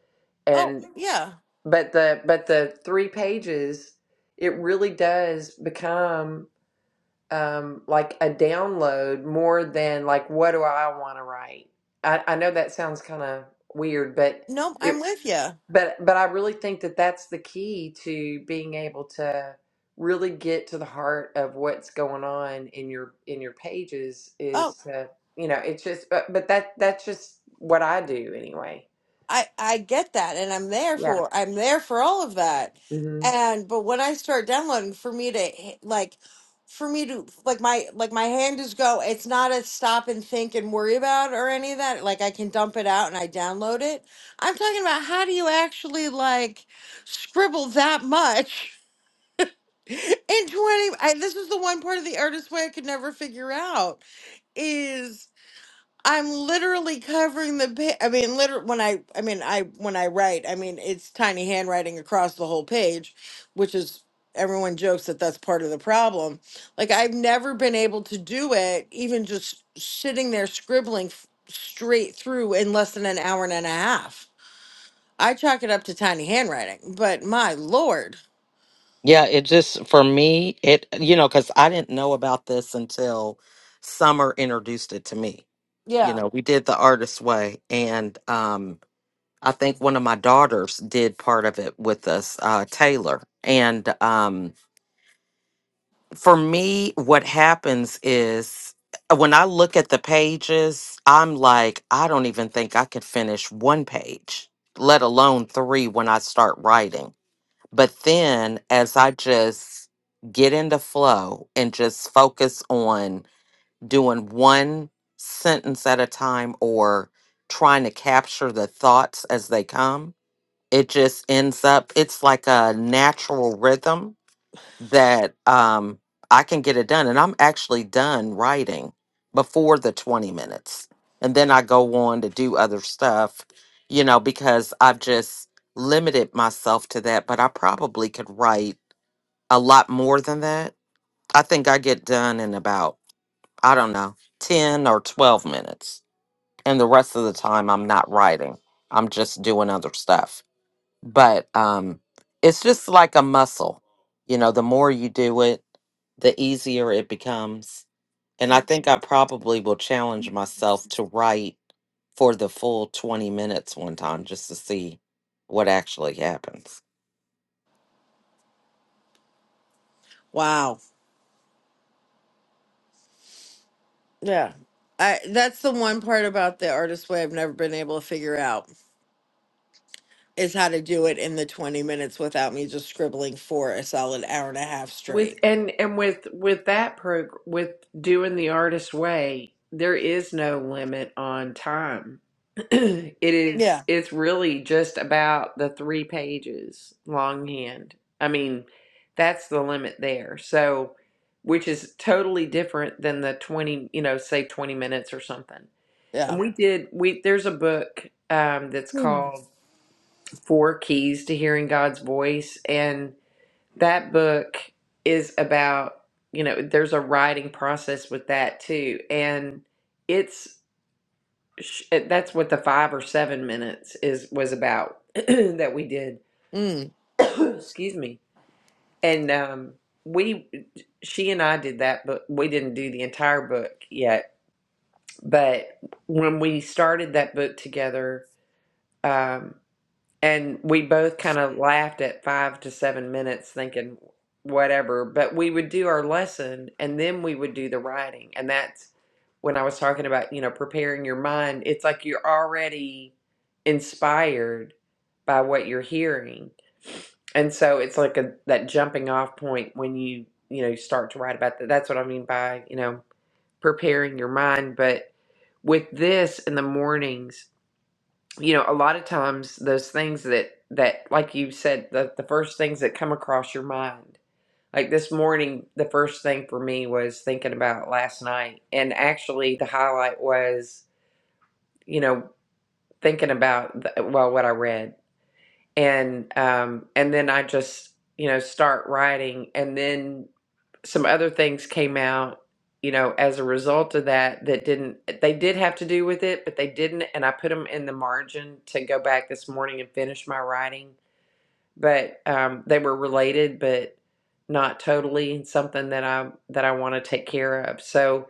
Speaker 4: oh,
Speaker 1: and
Speaker 4: yeah.
Speaker 1: but the but the three pages it really does become um like a download more than like what do i want to write i i know that sounds kind of weird but
Speaker 4: Nope,
Speaker 1: it
Speaker 4: I'm with you.
Speaker 1: but but I really think that that's the key to being able to really get to the heart of what's going on in your in your pages is to you know it's just but but that that's just what I do anyway.
Speaker 4: I I get that and I'm there
Speaker 1: Yeah.
Speaker 4: for I'm there for all of that.
Speaker 1: Mm-hmm.
Speaker 4: And but when I start downloading for me to h- like for me to like my like my hand is go it's not a stop and think and worry about or any of that like I can dump it out and I download it. I'm talking about how do you actually like scribble that much in 20 I this is the one part of the artist way I could never figure out I'm literally covering the page. I mean, literally when I, I mean, I when I write, I mean, it's tiny handwriting across the whole page, which is everyone jokes that that's part of the problem. Like I've never been able to do it, even just sitting there scribbling f- straight through in less than an hour and a half. I chalk it up to tiny handwriting, but my lord,
Speaker 2: Yeah, it just for me, it you know, because I didn't know about this until Summer introduced it to me. You
Speaker 4: Yeah.
Speaker 2: know, we did the artist way, and um, I think one of my daughters did part of it with us, uh, Taylor. And um, for me, what happens is uh, when I look at the pages, I'm like, I don't even think I could finish one page, let alone three when I start writing but then as I just get into flow and just focus on doing one sentence at a time or trying to capture the thoughts as they come, it just ends up, it's like a natural rhythm that um, I can get it done. And I'm actually done writing before the 20 minutes. And then I go on to do other stuff, you know, because I've just limited myself to that. But I probably could write a lot more than that. I think I get done in about, I don't know, 10 or 12 minutes. And the rest of the time, I'm not writing, I'm just doing other stuff but um it's just like a muscle you know the more you do it the easier it becomes and i think i probably will challenge myself to write for the full 20 minutes one time just to see what actually happens
Speaker 4: wow, yeah. I, that's the one part about the artist way I've never been able to figure out. is how to do it in the 20 minutes without me just scribbling for a solid hour and a half
Speaker 1: with
Speaker 4: straight.
Speaker 1: and and with with that prog with doing the artist way there is no limit on time it
Speaker 4: Yeah.
Speaker 1: is it's really just about the three pages longhand i mean that's the limit there so which is totally different than the 20 you know say 20 minutes or something and
Speaker 4: Yeah.
Speaker 1: we did we there's a book um, that's
Speaker 4: Mm.
Speaker 1: called four keys to hearing god's voice and that book is about you know there's a writing process with that too and it's sh- eh, that's what the five or seven minutes is was about that we did
Speaker 4: Mm.
Speaker 1: excuse me and um we she and i did that but we didn't do the entire book yet but when we started that book together um, And we both kind of laughed at five to seven minutes, thinking whatever. But we would do our lesson and then we would do the writing. And that's when I was talking about, you know, preparing your mind. It's like you're already inspired by what you're hearing. And so it's like a that jumping off point when you, you know, you start to write about that. That's what I mean by, you know, preparing your mind. But with this in the mornings, you know a lot of times those things that that like you said the, the first things that come across your mind like this morning the first thing for me was thinking about last night and actually the highlight was you know thinking about the, well what i read and um and then i just you know start writing and then some other things came out, you know, as a result of that that didn't they did have to do with it, but they didn't and I put them in the margin to go back this morning and finish my writing, but um they were related but not totally and something that I that I want to take care of. So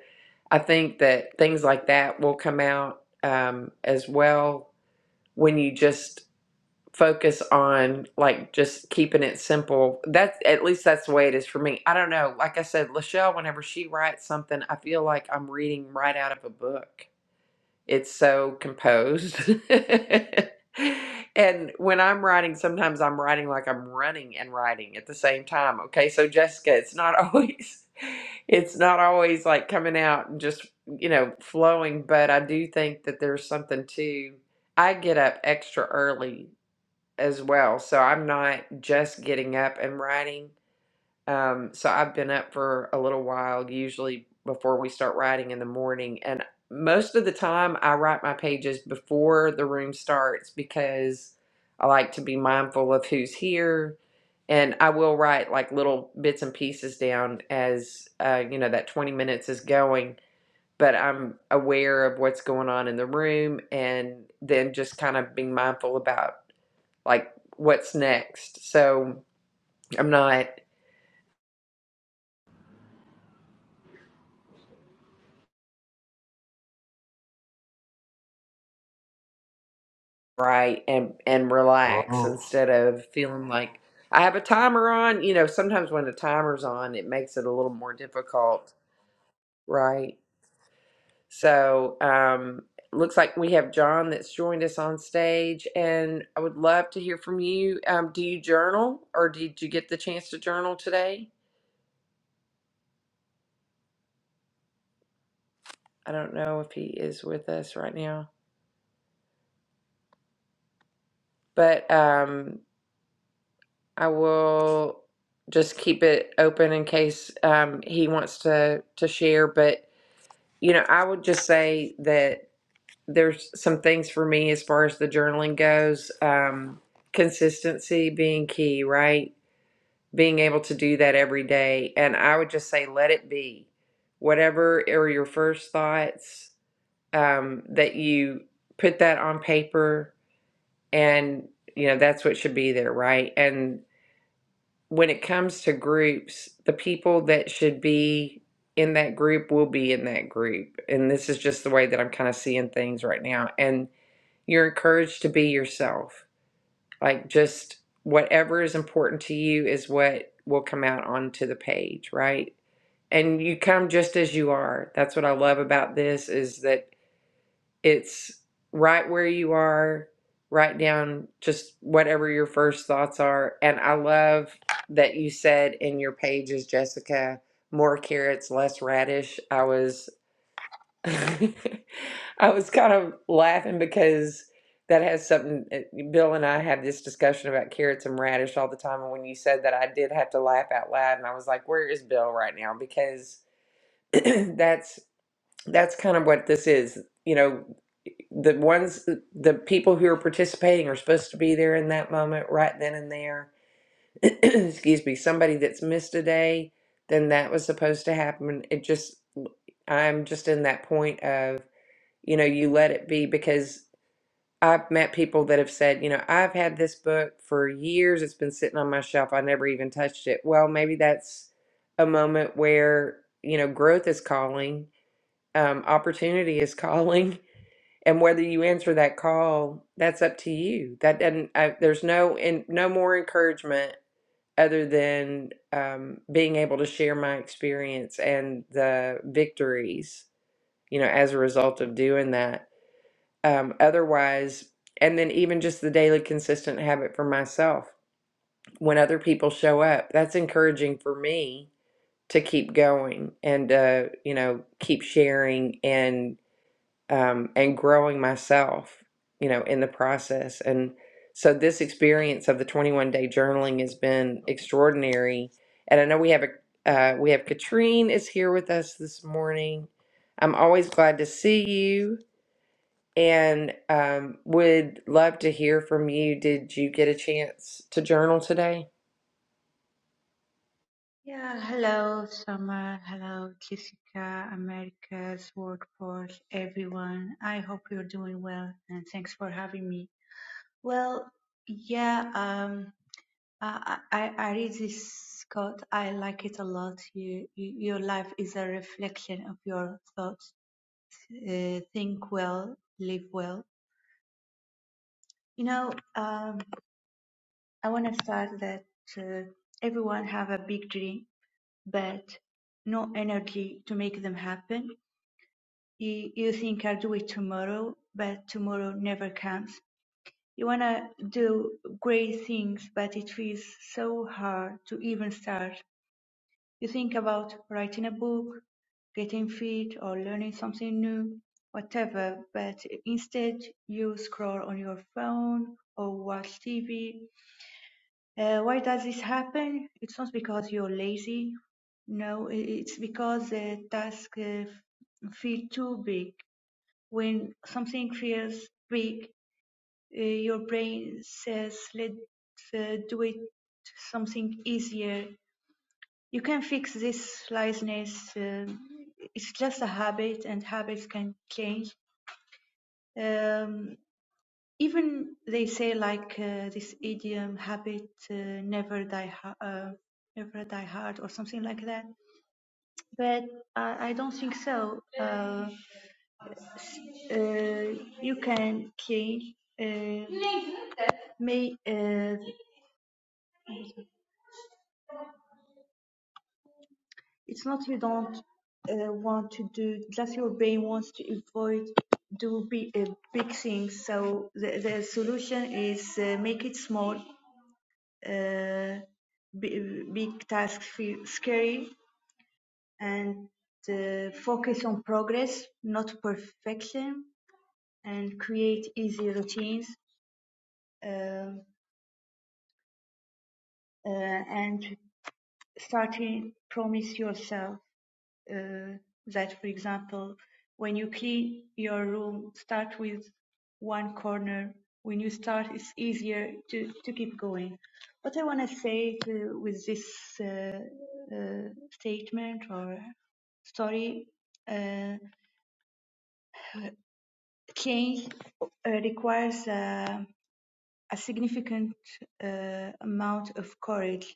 Speaker 1: I think that things like that will come out um as well when you just focus on like just keeping it simple. That's at least that's the way it is for me. I don't know. Like I said, Lachelle, whenever she writes something, I feel like I'm reading right out of a book. It's so composed. and when I'm writing, sometimes I'm writing like I'm running and writing at the same time. Okay, so Jessica, it's not always it's not always like coming out and just, you know, flowing, but I do think that there's something to I get up extra early as well. So I'm not just getting up and writing. Um, so I've been up for a little while, usually before we start writing in the morning. And most of the time, I write my pages before the room starts because I like to be mindful of who's here. And I will write like little bits and pieces down as, uh, you know, that 20 minutes is going but I'm aware of what's going on in the room and then just kind of being mindful about like what's next. So I'm not right and and relax
Speaker 5: Oh,
Speaker 1: instead of feeling like I have a timer on. You know, sometimes when the timer's on, it makes it a little more difficult, right? So um looks like we have John that's joined us on stage and I would love to hear from you. Um do you journal or did you get the chance to journal today? I don't know if he is with us right now. But um I will just keep it open in case um, he wants to to share. But you know, I would just say that there's some things for me as far as the journaling goes. Um, consistency being key, right? Being able to do that every day, and I would just say let it be whatever are your first thoughts um, that you put that on paper and you know that's what should be there right and when it comes to groups, the people that should be in that group will be in that group. And this is just the way that I'm kind of seeing things right now. And you're encouraged to be yourself. Like just whatever is important to you is what will come out onto the page, right? And you come just as you are. That's what I love about this is that it's right where you are write down just whatever your first thoughts are and i love that you said in your pages jessica more carrots less radish i was i was kind of laughing because that has something eh, bill and i have this discussion about carrots and radish all the time and when you said that i did have to laugh out loud and i was like where is bill right now because that's that's kind of what this is. You know, the ones, uh, the people who are participating are supposed to be there in that moment, right then and there. Excuse me. Somebody that's missed a day, then that was supposed to happen. It just, I'm just in that point of, you know, you let it be because I've met people that have said, you know, I've had this book for years. It's been sitting on my shelf. I never even touched it. Well, maybe that's a moment where, you know, growth is calling um, opportunity is calling and whether you answer that call that's up to you that doesn't I, there's no and no more encouragement other than um, being able to share my experience and the victories you know as a result of doing that um, otherwise and then even just the daily consistent habit for myself when other people show up that's encouraging for me to keep going and uh, you know keep sharing and um, and growing myself, you know, in the process. And so this experience of the 21 day journaling has been extraordinary. And I know we have a uh, we have Katrine is here with us this morning. I'm always glad to see you and um, would love to hear from you. Did you get a chance to journal today?
Speaker 6: Yeah, hello, Summer. Hello, Jessica, America's workforce, everyone. I hope you're doing well and thanks for having me. Well, yeah, um, I, I, I I read this quote. I like it a lot. You, you, your life is a reflection of your thoughts. Uh, think well, live well. You know, um, I want to start that uh, everyone have a big dream, but no energy to make them happen you think I'll do it tomorrow, but tomorrow never comes. You want to do great things, but it feels so hard to even start. You think about writing a book, getting fit, or learning something new, whatever, but instead you scroll on your phone or watch TV. Uh, why does this happen? It's not because you're lazy. No, i- it's because the task uh, feel too big when something feels big, uh, your brain says, let's uh, do it something easier. You can fix this laziness. um it's just a habit, and habits can change. Um, even they say like uh, this idiom, habit uh, never die, ha- uh, never die hard, or something like that. But I, I don't think so. Uh, uh, you can change. Uh, may uh, it's not you don't uh, want to do just your brain wants to avoid do big, uh, big things so the, the solution is uh, make it small uh, big, big tasks feel scary and uh, focus on progress not perfection and create easy routines um, uh, and starting promise yourself uh, that, for example, when you clean your room, start with one corner. When you start, it's easier to, to keep going. What I want to say to, with this uh, uh, statement or story, uh, change uh, requires uh, a significant uh, amount of courage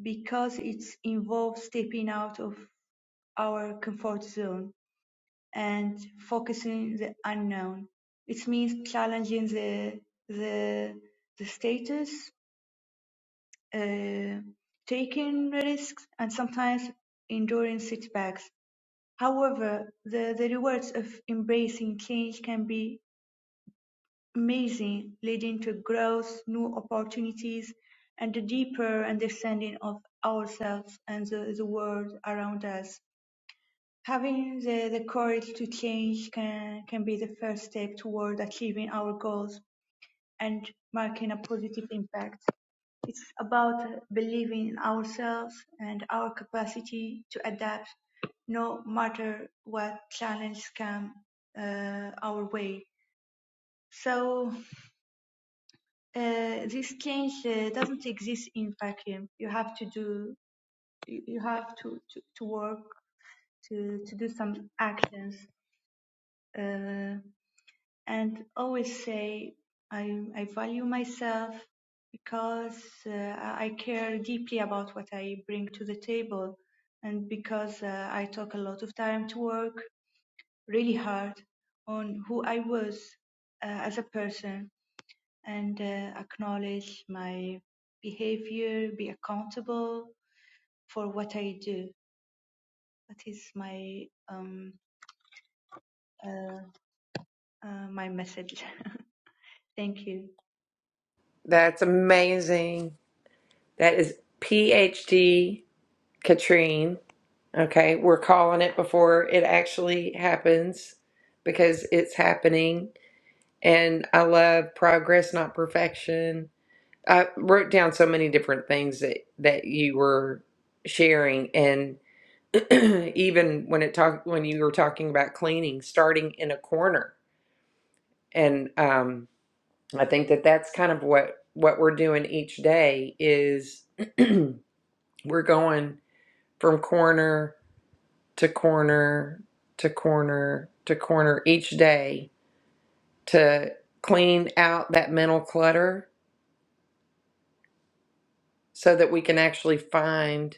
Speaker 6: because it involves stepping out of our comfort zone and focusing the unknown. It means challenging the the the status, uh, taking risks, and sometimes enduring setbacks. However, the, the rewards of embracing change can be amazing, leading to growth, new opportunities, and a deeper understanding of ourselves and the, the world around us. Having the, the courage to change can, can be the first step toward achieving our goals and making a positive impact. It's about believing in ourselves and our capacity to adapt no matter what challenges come uh, our way. So uh, this change uh, doesn't exist in vacuum. You have to do, you you have to, to, to work to, to do some actions. Uh, and always say I, I value myself because uh, I care deeply about what I bring to the table and because uh, I took a lot of time to work really hard on who I was uh, as a person and uh, acknowledge my behavior, be accountable for what I do. That is my um, uh, uh, my message. Thank you.
Speaker 1: That's amazing. That is PhD Katrine. Okay, we're calling it before it actually happens because it's happening. And I love progress, not perfection. I wrote down so many different things that that you were sharing, and even when it talked when you were talking about cleaning, starting in a corner, and um, I think that that's kind of what what we're doing each day is. We're going from corner to corner to corner to corner each day to clean out that mental clutter so that we can actually find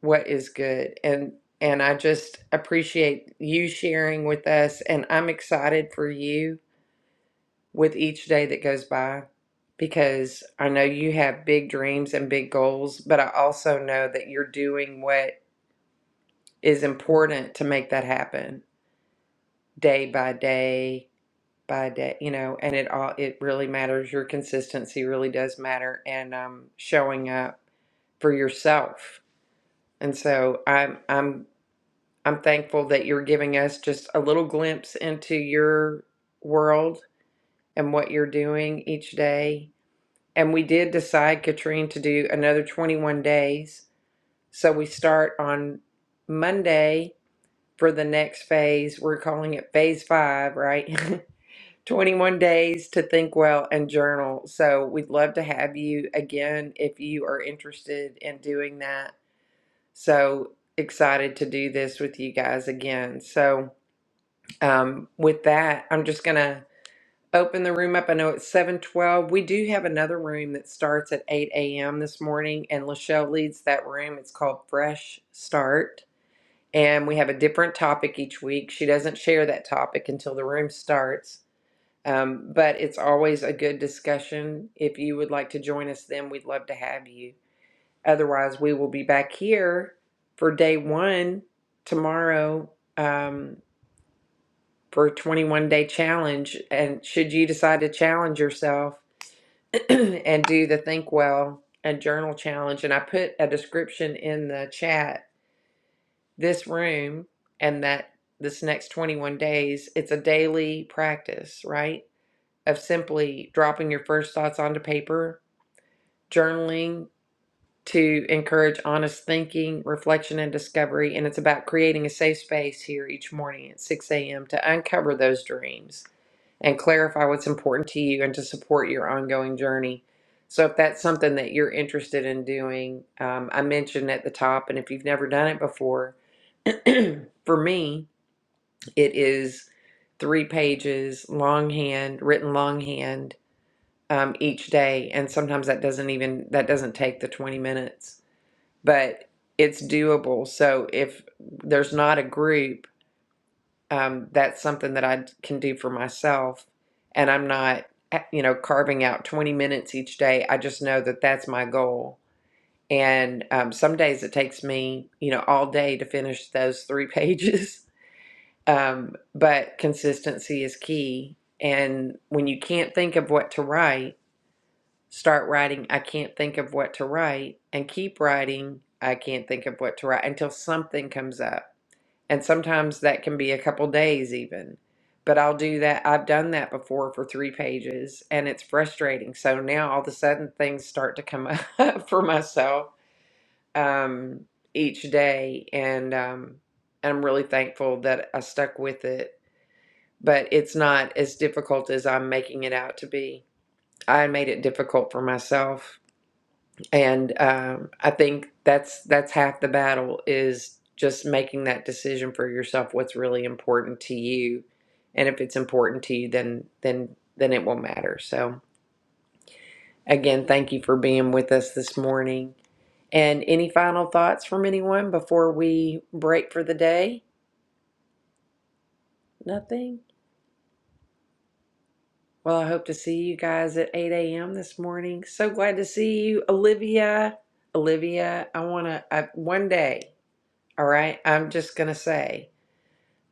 Speaker 1: what is good. And and I just appreciate you sharing with us and I'm excited for you with each day that goes by because I know you have big dreams and big goals, but I also know that you're doing what is important to make that happen day by day by day you know and it all it really matters your consistency really does matter and um showing up for yourself and so i'm i'm i'm thankful that you're giving us just a little glimpse into your world and what you're doing each day and we did decide katrine to do another 21 days so we start on monday for the next phase we're calling it phase five right 21 days to think well and journal. So we'd love to have you again if you are interested in doing that. So excited to do this with you guys again. So um, with that, I'm just gonna open the room up. I know it's 7:12. We do have another room that starts at 8 a.m. this morning, and Lachelle leads that room. It's called Fresh Start. And we have a different topic each week. She doesn't share that topic until the room starts. Um, but it's always a good discussion. If you would like to join us, then we'd love to have you. Otherwise, we will be back here for day one tomorrow um, for a 21 day challenge. And should you decide to challenge yourself and do the Think Well and Journal Challenge, and I put a description in the chat this room and that this next 21 days, it's a daily practice, right? of simply dropping your first thoughts onto paper, journaling to encourage honest thinking, reflection, and discovery. And it's about creating a safe space here each morning at 6 a.m. to uncover those dreams and clarify what's important to you and to support your ongoing journey. So, if that's something that you're interested in doing, um, I mentioned at the top, and if you've never done it before, for me, it is three pages, longhand, written longhand um, each day and sometimes that doesn't even that doesn't take the 20 minutes but it's doable so if there's not a group um, that's something that i can do for myself and i'm not eh, you know carving out 20 minutes each day i just know that that's my goal and um, some days it takes me you know all day to finish those three pages um, but consistency is key and when you can't think of what to write start writing i can't think of what to write and keep writing i can't think of what to write until something comes up and sometimes that can be a couple days even but i'll do that i've done that before for three pages and it's frustrating so now all of a sudden things start to come up for myself um, each day and um, i'm really thankful that i stuck with it but it's not as difficult as i'm making it out to be i made it difficult for myself and um, I think that's that's half the battle is just making that decision for yourself. What's really important to you, and if it's important to you, then then then it will matter. So again, thank you for being with us this morning. And any final thoughts from anyone before we break for the day? Nothing. Well, I hope to see you guys at 8 a.m. this morning. So glad to see you, Olivia. Olivia, I want to, I, one day, all right, I'm just going to say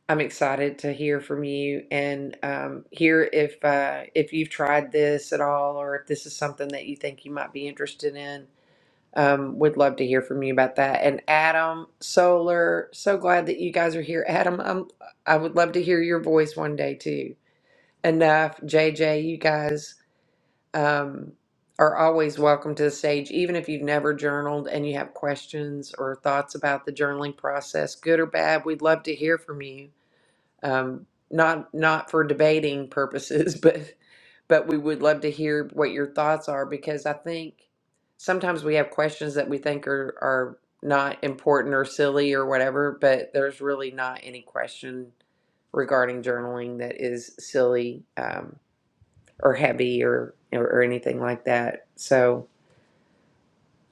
Speaker 1: I'm excited to hear from you and um, hear if uh, if you've tried this at all or if this is something that you think you might be interested in. Um, would love to hear from you about that. And Adam Solar, so glad that you guys are here. Adam, I'm, I would love to hear your voice one day too. Enough, JJ, you guys um, are always welcome to the stage, even if you've never journaled and you have questions or thoughts about the journaling process, good or bad. We'd love to hear from you um, not not for debating purposes, but but we would love to hear what your thoughts are because I think sometimes we have questions that we think are are not important or silly or whatever, but there's really not any question regarding journaling that is silly um, or heavy or, or or anything like that. So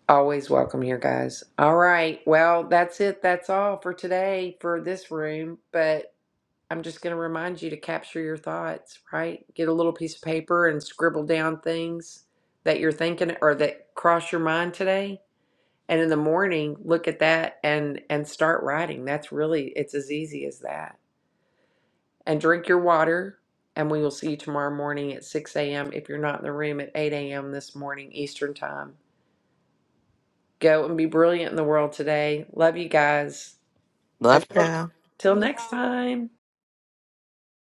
Speaker 1: always welcome here, guys. All right, well that's it. That's all for today for this room, but. I'm just going to remind you to capture your thoughts, right? Get a little piece of paper and scribble down things that you're thinking or that cross your mind today. And in the morning, look at that and and start writing. That's really it's as easy as that. And drink your water. And we will see you tomorrow morning at 6 a.m. If you're not in the room at 8 a.m. this morning Eastern time, go and be brilliant in the world today. Love you guys.
Speaker 2: love
Speaker 1: Until
Speaker 2: you
Speaker 1: till next time.